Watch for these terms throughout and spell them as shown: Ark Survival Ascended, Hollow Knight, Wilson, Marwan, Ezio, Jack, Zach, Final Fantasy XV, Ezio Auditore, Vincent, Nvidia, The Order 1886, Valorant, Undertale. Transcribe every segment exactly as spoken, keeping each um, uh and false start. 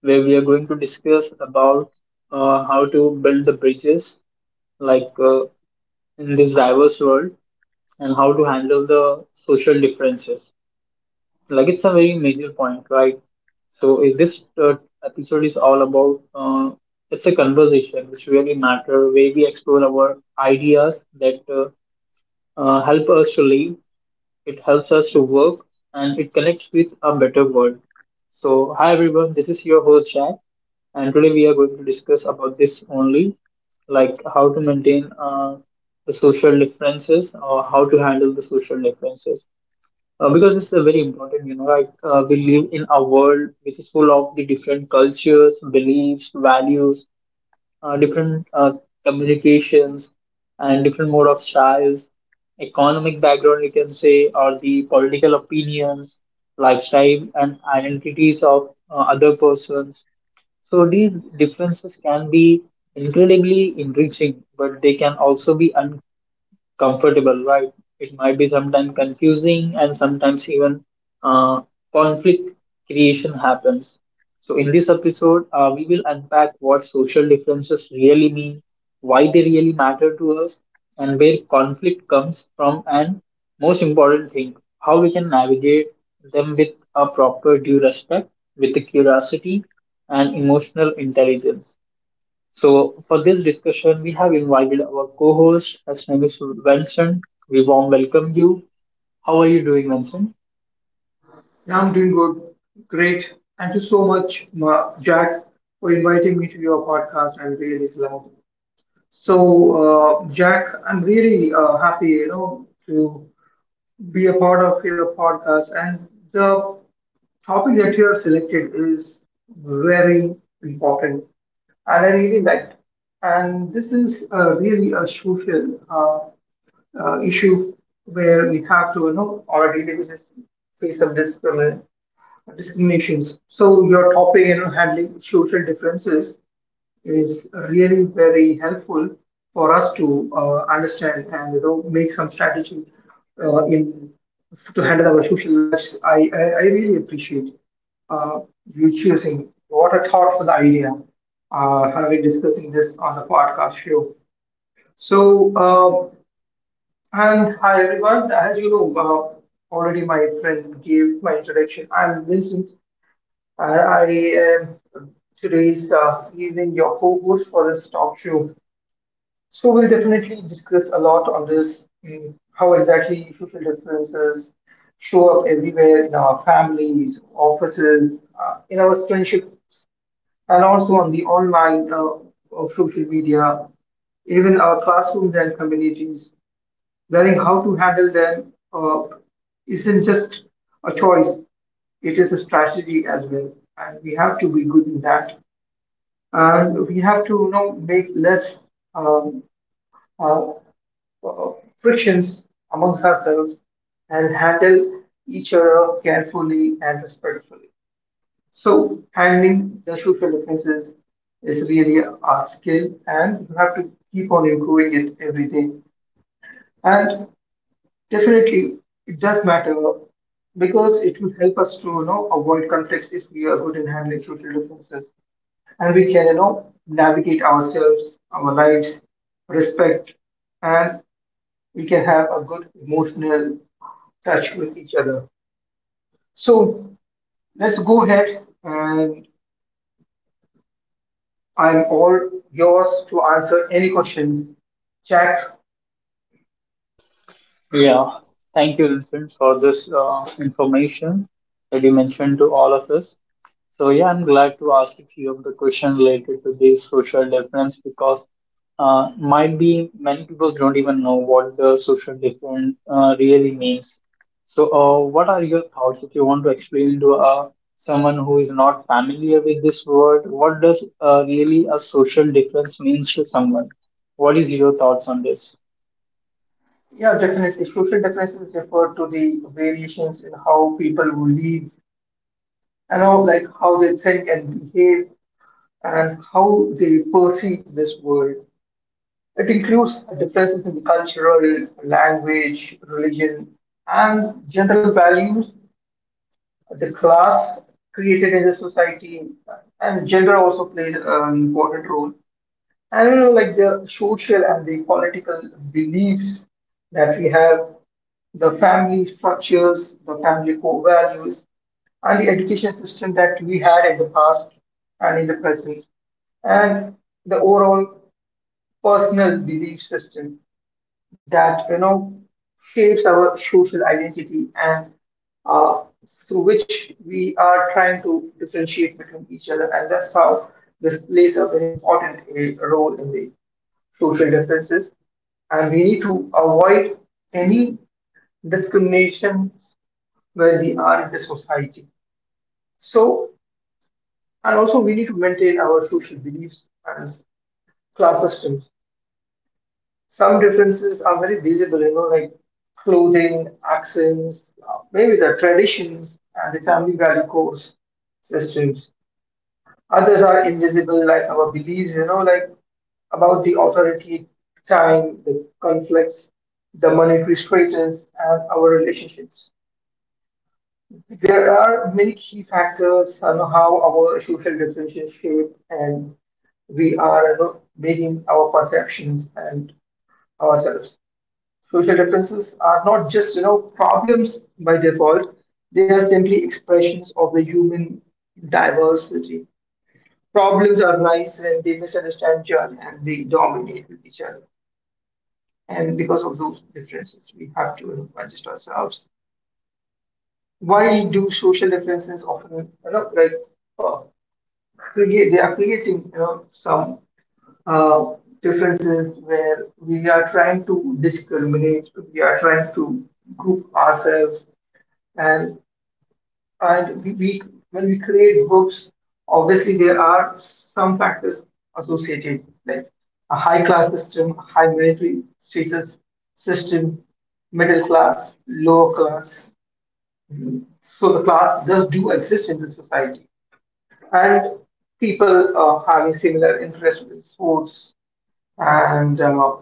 where we are going to discuss about uh, how to build the bridges like uh, in this diverse world and how to handle the social differences. Like it's a very major point, right? So if this uh, episode is all about uh, it's a conversation which really matter where we explore our ideas that uh, uh, help us to live it helps us to work, and it connects with a better world. So, hi everyone, this is your host Jack, and today we are going to discuss about this only, like how to maintain uh, the social differences or how to handle the social differences. Uh, because it's a very important, you know, like uh, we live in a world which is full of the different cultures, beliefs, values, uh, different uh, communications and different mode of styles, economic background, you can say, or the political opinions, lifestyle, and identities of uh, other persons. So these differences can be incredibly enriching, but they can also be comfortable, right? It might be sometimes confusing and sometimes even uh, conflict creation happens. So, in this episode, uh, we will unpack what social differences really mean, why they really matter to us, and where conflict comes from, and most important thing, how we can navigate them with a proper due respect, with the curiosity, and emotional intelligence. So, for this discussion, we have invited our co host. His name is Vincent. We warm welcome you. How are you doing, Vincent? Yeah, I'm doing good. Great. Thank you so much, Ma- Jack, for inviting me to your podcast. I'm really glad. So, uh, Jack, I'm really uh, happy, you know, to be a part of your podcast. And the topic that you have selected is very important, and I really liked. And this is uh, really a social uh, uh, issue where we have to, you know, on a daily basis face some discrimination discriminations. So your topic, you know, handling social differences is really very helpful for us to uh, understand and you know make some strategy uh, in to handle our social lives. I I, I really appreciate uh, you choosing what a thoughtful idea uh, having discussing this on the podcast show. So uh, and hi everyone, as you know. Uh, Already, my friend gave my introduction. I'm Vincent. I, I uh, Today's uh, evening your co-host for this talk show. So we'll definitely discuss a lot on this, mm, how exactly social differences show up everywhere in our families, offices, uh, in our friendships, and also on the online uh, of social media, even our classrooms and communities. Learning how to handle them uh, isn't just a choice; it is a strategy as well, and we have to be good in that. And we have to, you know, make less um, uh, uh, frictions amongst ourselves and handle each other carefully and respectfully. So handling the social differences is really a skill, and you have to keep on improving it every day. And definitely, it does matter because it will help us to you know avoid conflicts if we are good in handling social differences. And we can you know navigate ourselves our lives respect, and we can have a good emotional touch with each other. So let's go ahead, and I'm all yours to answer any questions, chat. Yeah, thank you, Vincent, for this uh, information that you mentioned to all of us. So, yeah, I'm glad to ask a few of the questions related to this social difference because uh, might be many people don't even know what the social difference uh, really means. So, uh, what are your thoughts if you want to explain to uh, someone who is not familiar with this word? What does uh, really a social difference means to someone? What is your thoughts on this? Yeah, definitely social differences refer to the variations in how people live and how, like, how they think and behave and how they perceive this world. It includes differences in cultural, language, religion, and general values, the class created in the society, and gender also plays an important role. And like the social and the political beliefs that we have, the family structures, the family core values, and the education system that we had in the past and in the present, and the overall personal belief system that you know shapes our social identity and, uh, through which we are trying to differentiate between each other, and that's how this plays a very important a, role in the social differences. And we need to avoid any discriminations where we are in the society. So, and also we need to maintain our social beliefs and class systems. Some differences are very visible, you know, like clothing, accents, uh, maybe the traditions and the family value codes, systems. Others are invisible, like our beliefs, you know, like about the authority, time, the conflicts, the monetary status, and our relationships. There are many key factors on how our social differences shape, and we are, you know, making our perceptions and ourselves. Social differences are not just you know problems by default; they are simply expressions of the human diversity. Problems arise when they misunderstand each other and they dominate with each other. And because of those differences, we have to, you know, adjust ourselves. Why do social differences often, you know, like, uh, create? They are creating you know some uh, differences where we are trying to discriminate, we are trying to group ourselves, and and we, we when we create books, obviously there are some factors associated, like a high class system, high military status system, middle class, lower class. So the class does do exist in the society, and people uh, having similar interests with sports and uh,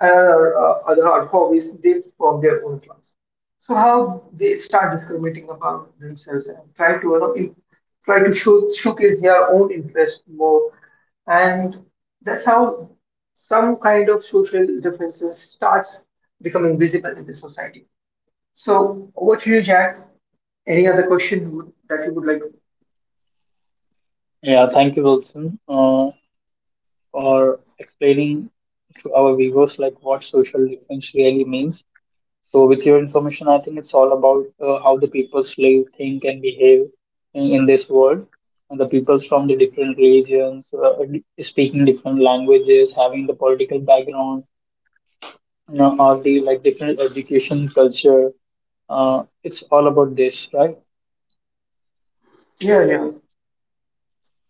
other, uh, other hobbies, they from their own class. So how they start discriminating about themselves and try to, you know, in- try to show, showcase their own interest more, and that's how some kind of social differences starts becoming visible in the society. So over to you, Jack. Any other question you would- that you would like? Yeah, thank you, Wilson, uh, for explaining to our viewers like what social difference really means. So, with your information, I think it's all about uh, how the peoples live, think, and behave in, in this world. And the peoples from the different regions, uh, d- speaking different languages, having the political background, you know, or the like different education culture. Uh, it's all about this, right? Yeah, yeah.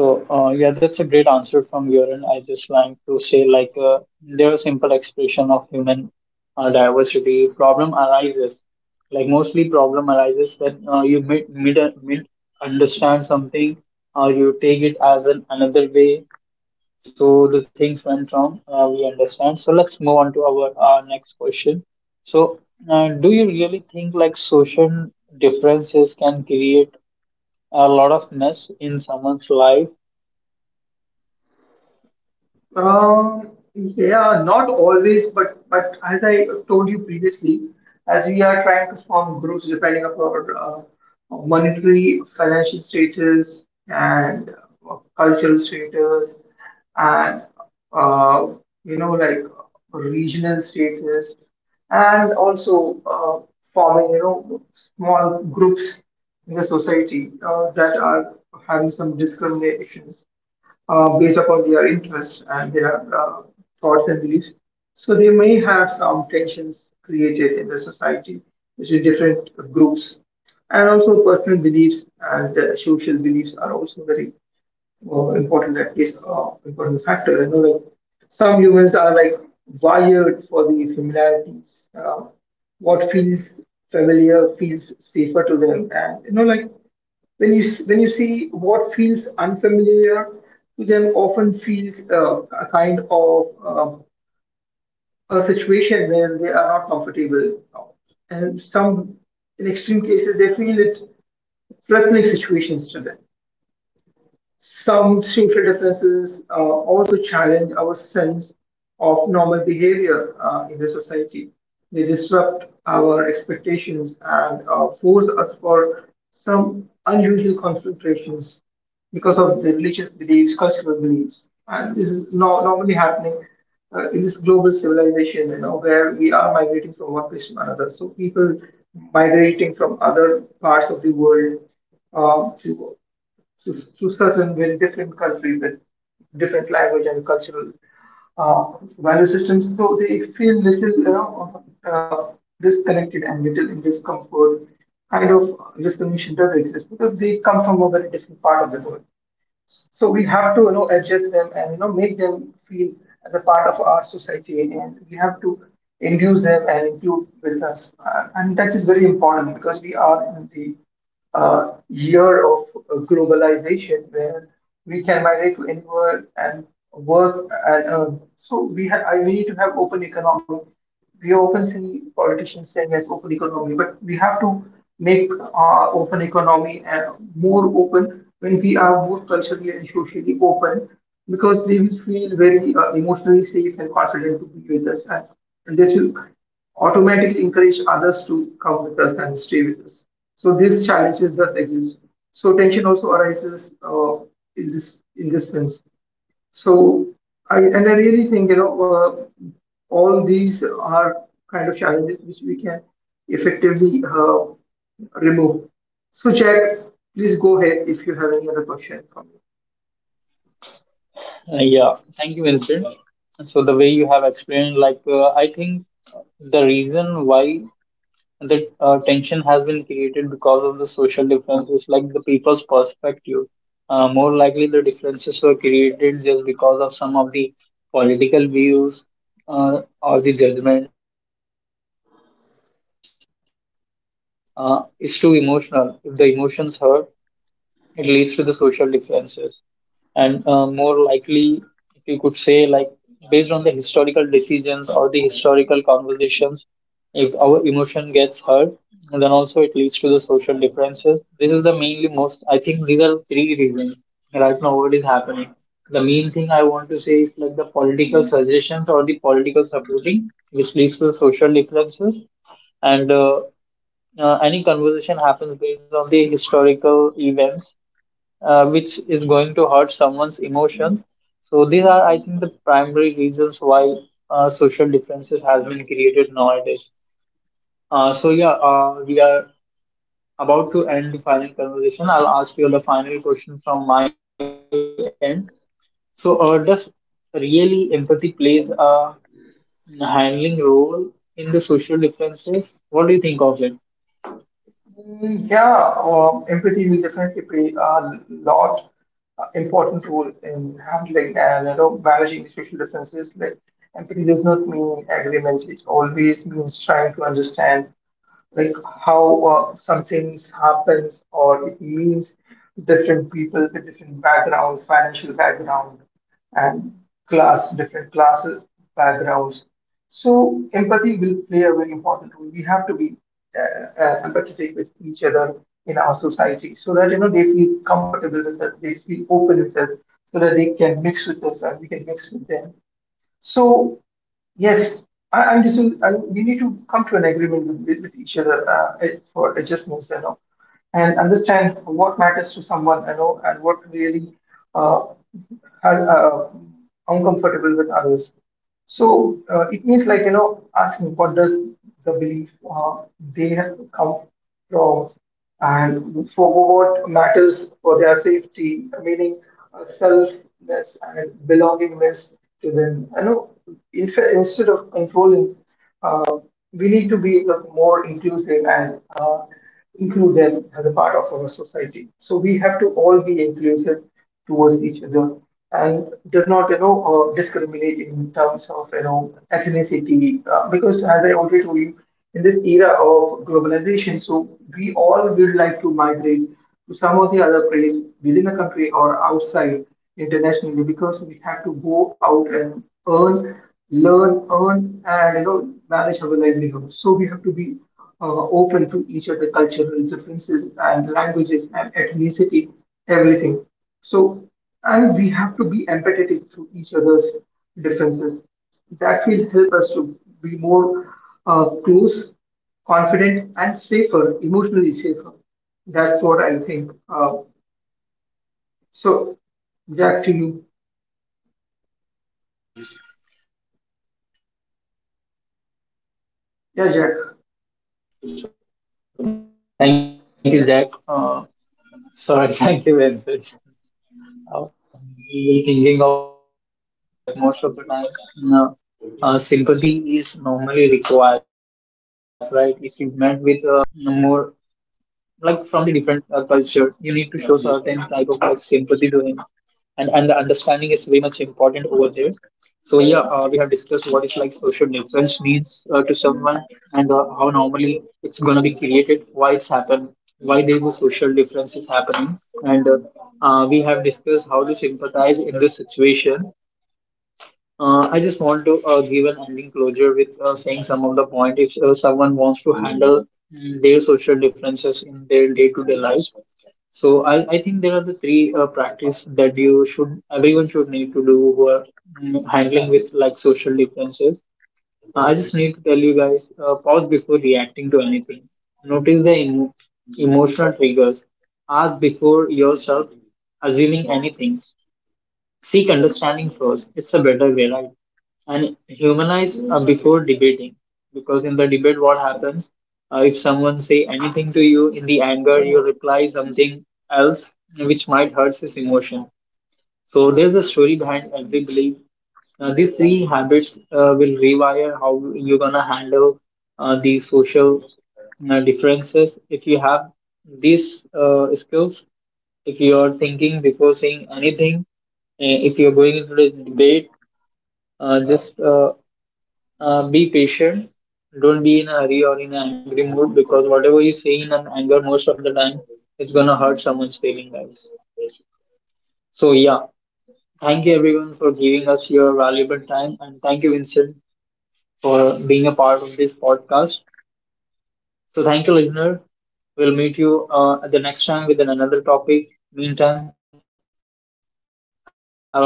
So uh, yeah, that's a great answer from your end. I just want to say like uh, there are simple expression of human uh, diversity. Problem arises, like mostly problem arises when uh, you mid, mid, mid understand something or you take it as an another way. So the things went wrong. Uh, we understand. So let's move on to our uh, next question. So uh, do you really think like social differences can create a lot of mess in someone's life? Um, yeah, not always, but but as I told you previously, as we are trying to form groups depending upon uh, monetary, financial status, and uh, cultural status, and uh, you know like regional status, and also uh, forming you know small groups in the society uh, that are having some discriminations uh, based upon their interests and their uh, thoughts and beliefs. So they may have some tensions created in the society between different groups. And also personal beliefs and uh, social beliefs are also very uh, important, at least uh, important factor. You know, like some humans are like wired for the familiarities. Uh, what feels familiar feels safer to them, and you know, like when you s- when you see what feels unfamiliar to them, often feels uh, a kind of uh, a situation where they are not comfortable, and some in extreme cases they feel it threatening situations to them. Some social differences uh, also challenge our sense of normal behavior uh, in the society. They disrupt our expectations and uh, force us for some unusual confrontations because of the religious beliefs, cultural beliefs. And this is no- normally happening uh, in this global civilization, you know, where we are migrating from one place to another. So people migrating from other parts of the world uh, to to, to certain very different country with different language and cultural uh, value systems. So they feel little, you know, uh, disconnected and little in discomfort. Kind of discrimination does exist because they come from a very different part of the world. So we have to, you know, adjust them and you know make them feel as a part of our society, and we have to induce them and include business, uh, and that is very important because we are in the uh, year of uh, globalization where we can migrate to anywhere and work and earn. So we have, we need to have open economy. We often see politicians saying yes, open economy, but we have to make our open economy uh, more open when we are more culturally and socially open, because they will feel very uh, emotionally safe and confident to be with us, and, and this will automatically encourage others to come with us and stay with us. So these challenges does exist. So tension also arises uh, in this in this sense. So I and I really think you know uh, all these are kind of challenges which we can effectively uh, remove. So Jack, please go ahead if you have any other question for me. Uh, yeah, thank you, Vincent. So the way you have explained, like uh, I think the reason why the uh, tension has been created because of the social differences, like the people's perspective. Uh, more likely, the differences were created just because of some of the political views uh, or the judgments. And uh, if someone uh, is too emotional, if the emotions hurt, it leads to the social differences and uh, more likely if you could say like based on the historical decisions or the historical conversations if our emotion gets hurt and then also it leads to the social differences. This is the mainly most, I think these are three reasons right now what is happening. The main thing I want to say is like the political suggestions or the political supporting which leads to social differences, and uh, uh, any conversation happens based on the historical events uh, which is going to hurt someone's emotions. So these are, I think, the primary reasons why uh, social differences has been created nowadays. Uh, so yeah, uh, we are about to end the final conversation. I'll ask you the final question from my end. So uh, does really empathy plays a handling role in the social differences? What do you think of it? Mm, Yeah, uh, empathy will definitely play a lot uh, important role in handling and you know managing social differences. Like empathy does not mean agreement; it always means trying to understand like how uh, some things happens, or it means different people with different background, financial background, and class different class backgrounds. So empathy will play a very important role. We have to be uh, uh, empathetic with each other in our society, so that you know they feel comfortable with us, they feel open with us, so that they can mix with us and we can mix with them. So yes, I, I'm just, I, we need to come to an agreement with, with, with each other uh, for adjustments, you know, and understand what matters to someone, you know, and what really uh, are, uh, uncomfortable with others. So uh, it means like you know asking what does the belief uh, they have come from, and so what matters for their safety, meaning uh, selfness and belongingness to them. I know in fa- instead of controlling, uh, we need to be like, more inclusive and uh, include them as a part of our society. So we have to all be inclusive towards each other, and does not you know uh, discriminate in terms of you know ethnicity, uh, because as I already told you, in this era of globalization, so we all would like to migrate to some of the other place within a country or outside internationally, because we have to go out and earn learn, earn, and you know manage our livelihood. So we have to be uh, open to each other cultural differences and languages and ethnicity, everything. So, and we have to be empathetic to each other's differences. That will help us to be more uh, close, confident, and safer, emotionally safer. That's what I think. Uh, so, Jack, to you. Thank you, Zach. Uh, sorry, thank you, Vincent. Yeah, Jack. Uh, we were thinking of the deep into this topic only. Like most of the time, uh, uh, sympathy is normally required, right? If you met with a person from the other religion or the other caste who is uh, more like from the different uh, culture, you need to show certain type of like sympathy to him, and and the understanding is very much important over there. So yeah, uh, we have discussed what is like social difference means uh, to someone and uh, how normally it's gonna be created, why it's happened, why there is a social difference is happening, and uh, uh, we have discussed how to sympathize in this situation. Uh, I just want to uh, give an ending closure with uh, saying some of the point. If uh, someone wants to handle mm, their social differences in their day-to-day life, so I, I think there are the three uh, practice that you should everyone should need to do who are mm, handling with like social differences. Uh, I just need to tell you guys uh, pause before reacting to anything. Notice the emo- emotional triggers. Ask before yourself assuming anything. Seek understanding first. It's a better way, right? And humanize uh, before debating, because in the debate what happens uh, if someone say anything to you in the anger you reply something else which might hurt his emotion. So there's a story behind every belief. Uh, these three habits uh, will rewire how you're gonna handle uh, the social uh, differences. If you have these uh, skills, if you are thinking before saying anything, uh, if you're going into the debate, uh, just uh, uh, be patient. Don't be in a hurry or in an angry mood, because whatever you say in an anger most of the time, it's gonna hurt someone's feeling, guys. So yeah, thank you everyone for giving us your valuable time, and thank you Vincent for being a part of this podcast. So thank you, listener. We'll meet you uh, at the next time with another topic. Meantime, have a blessing. Take care. Bye bye.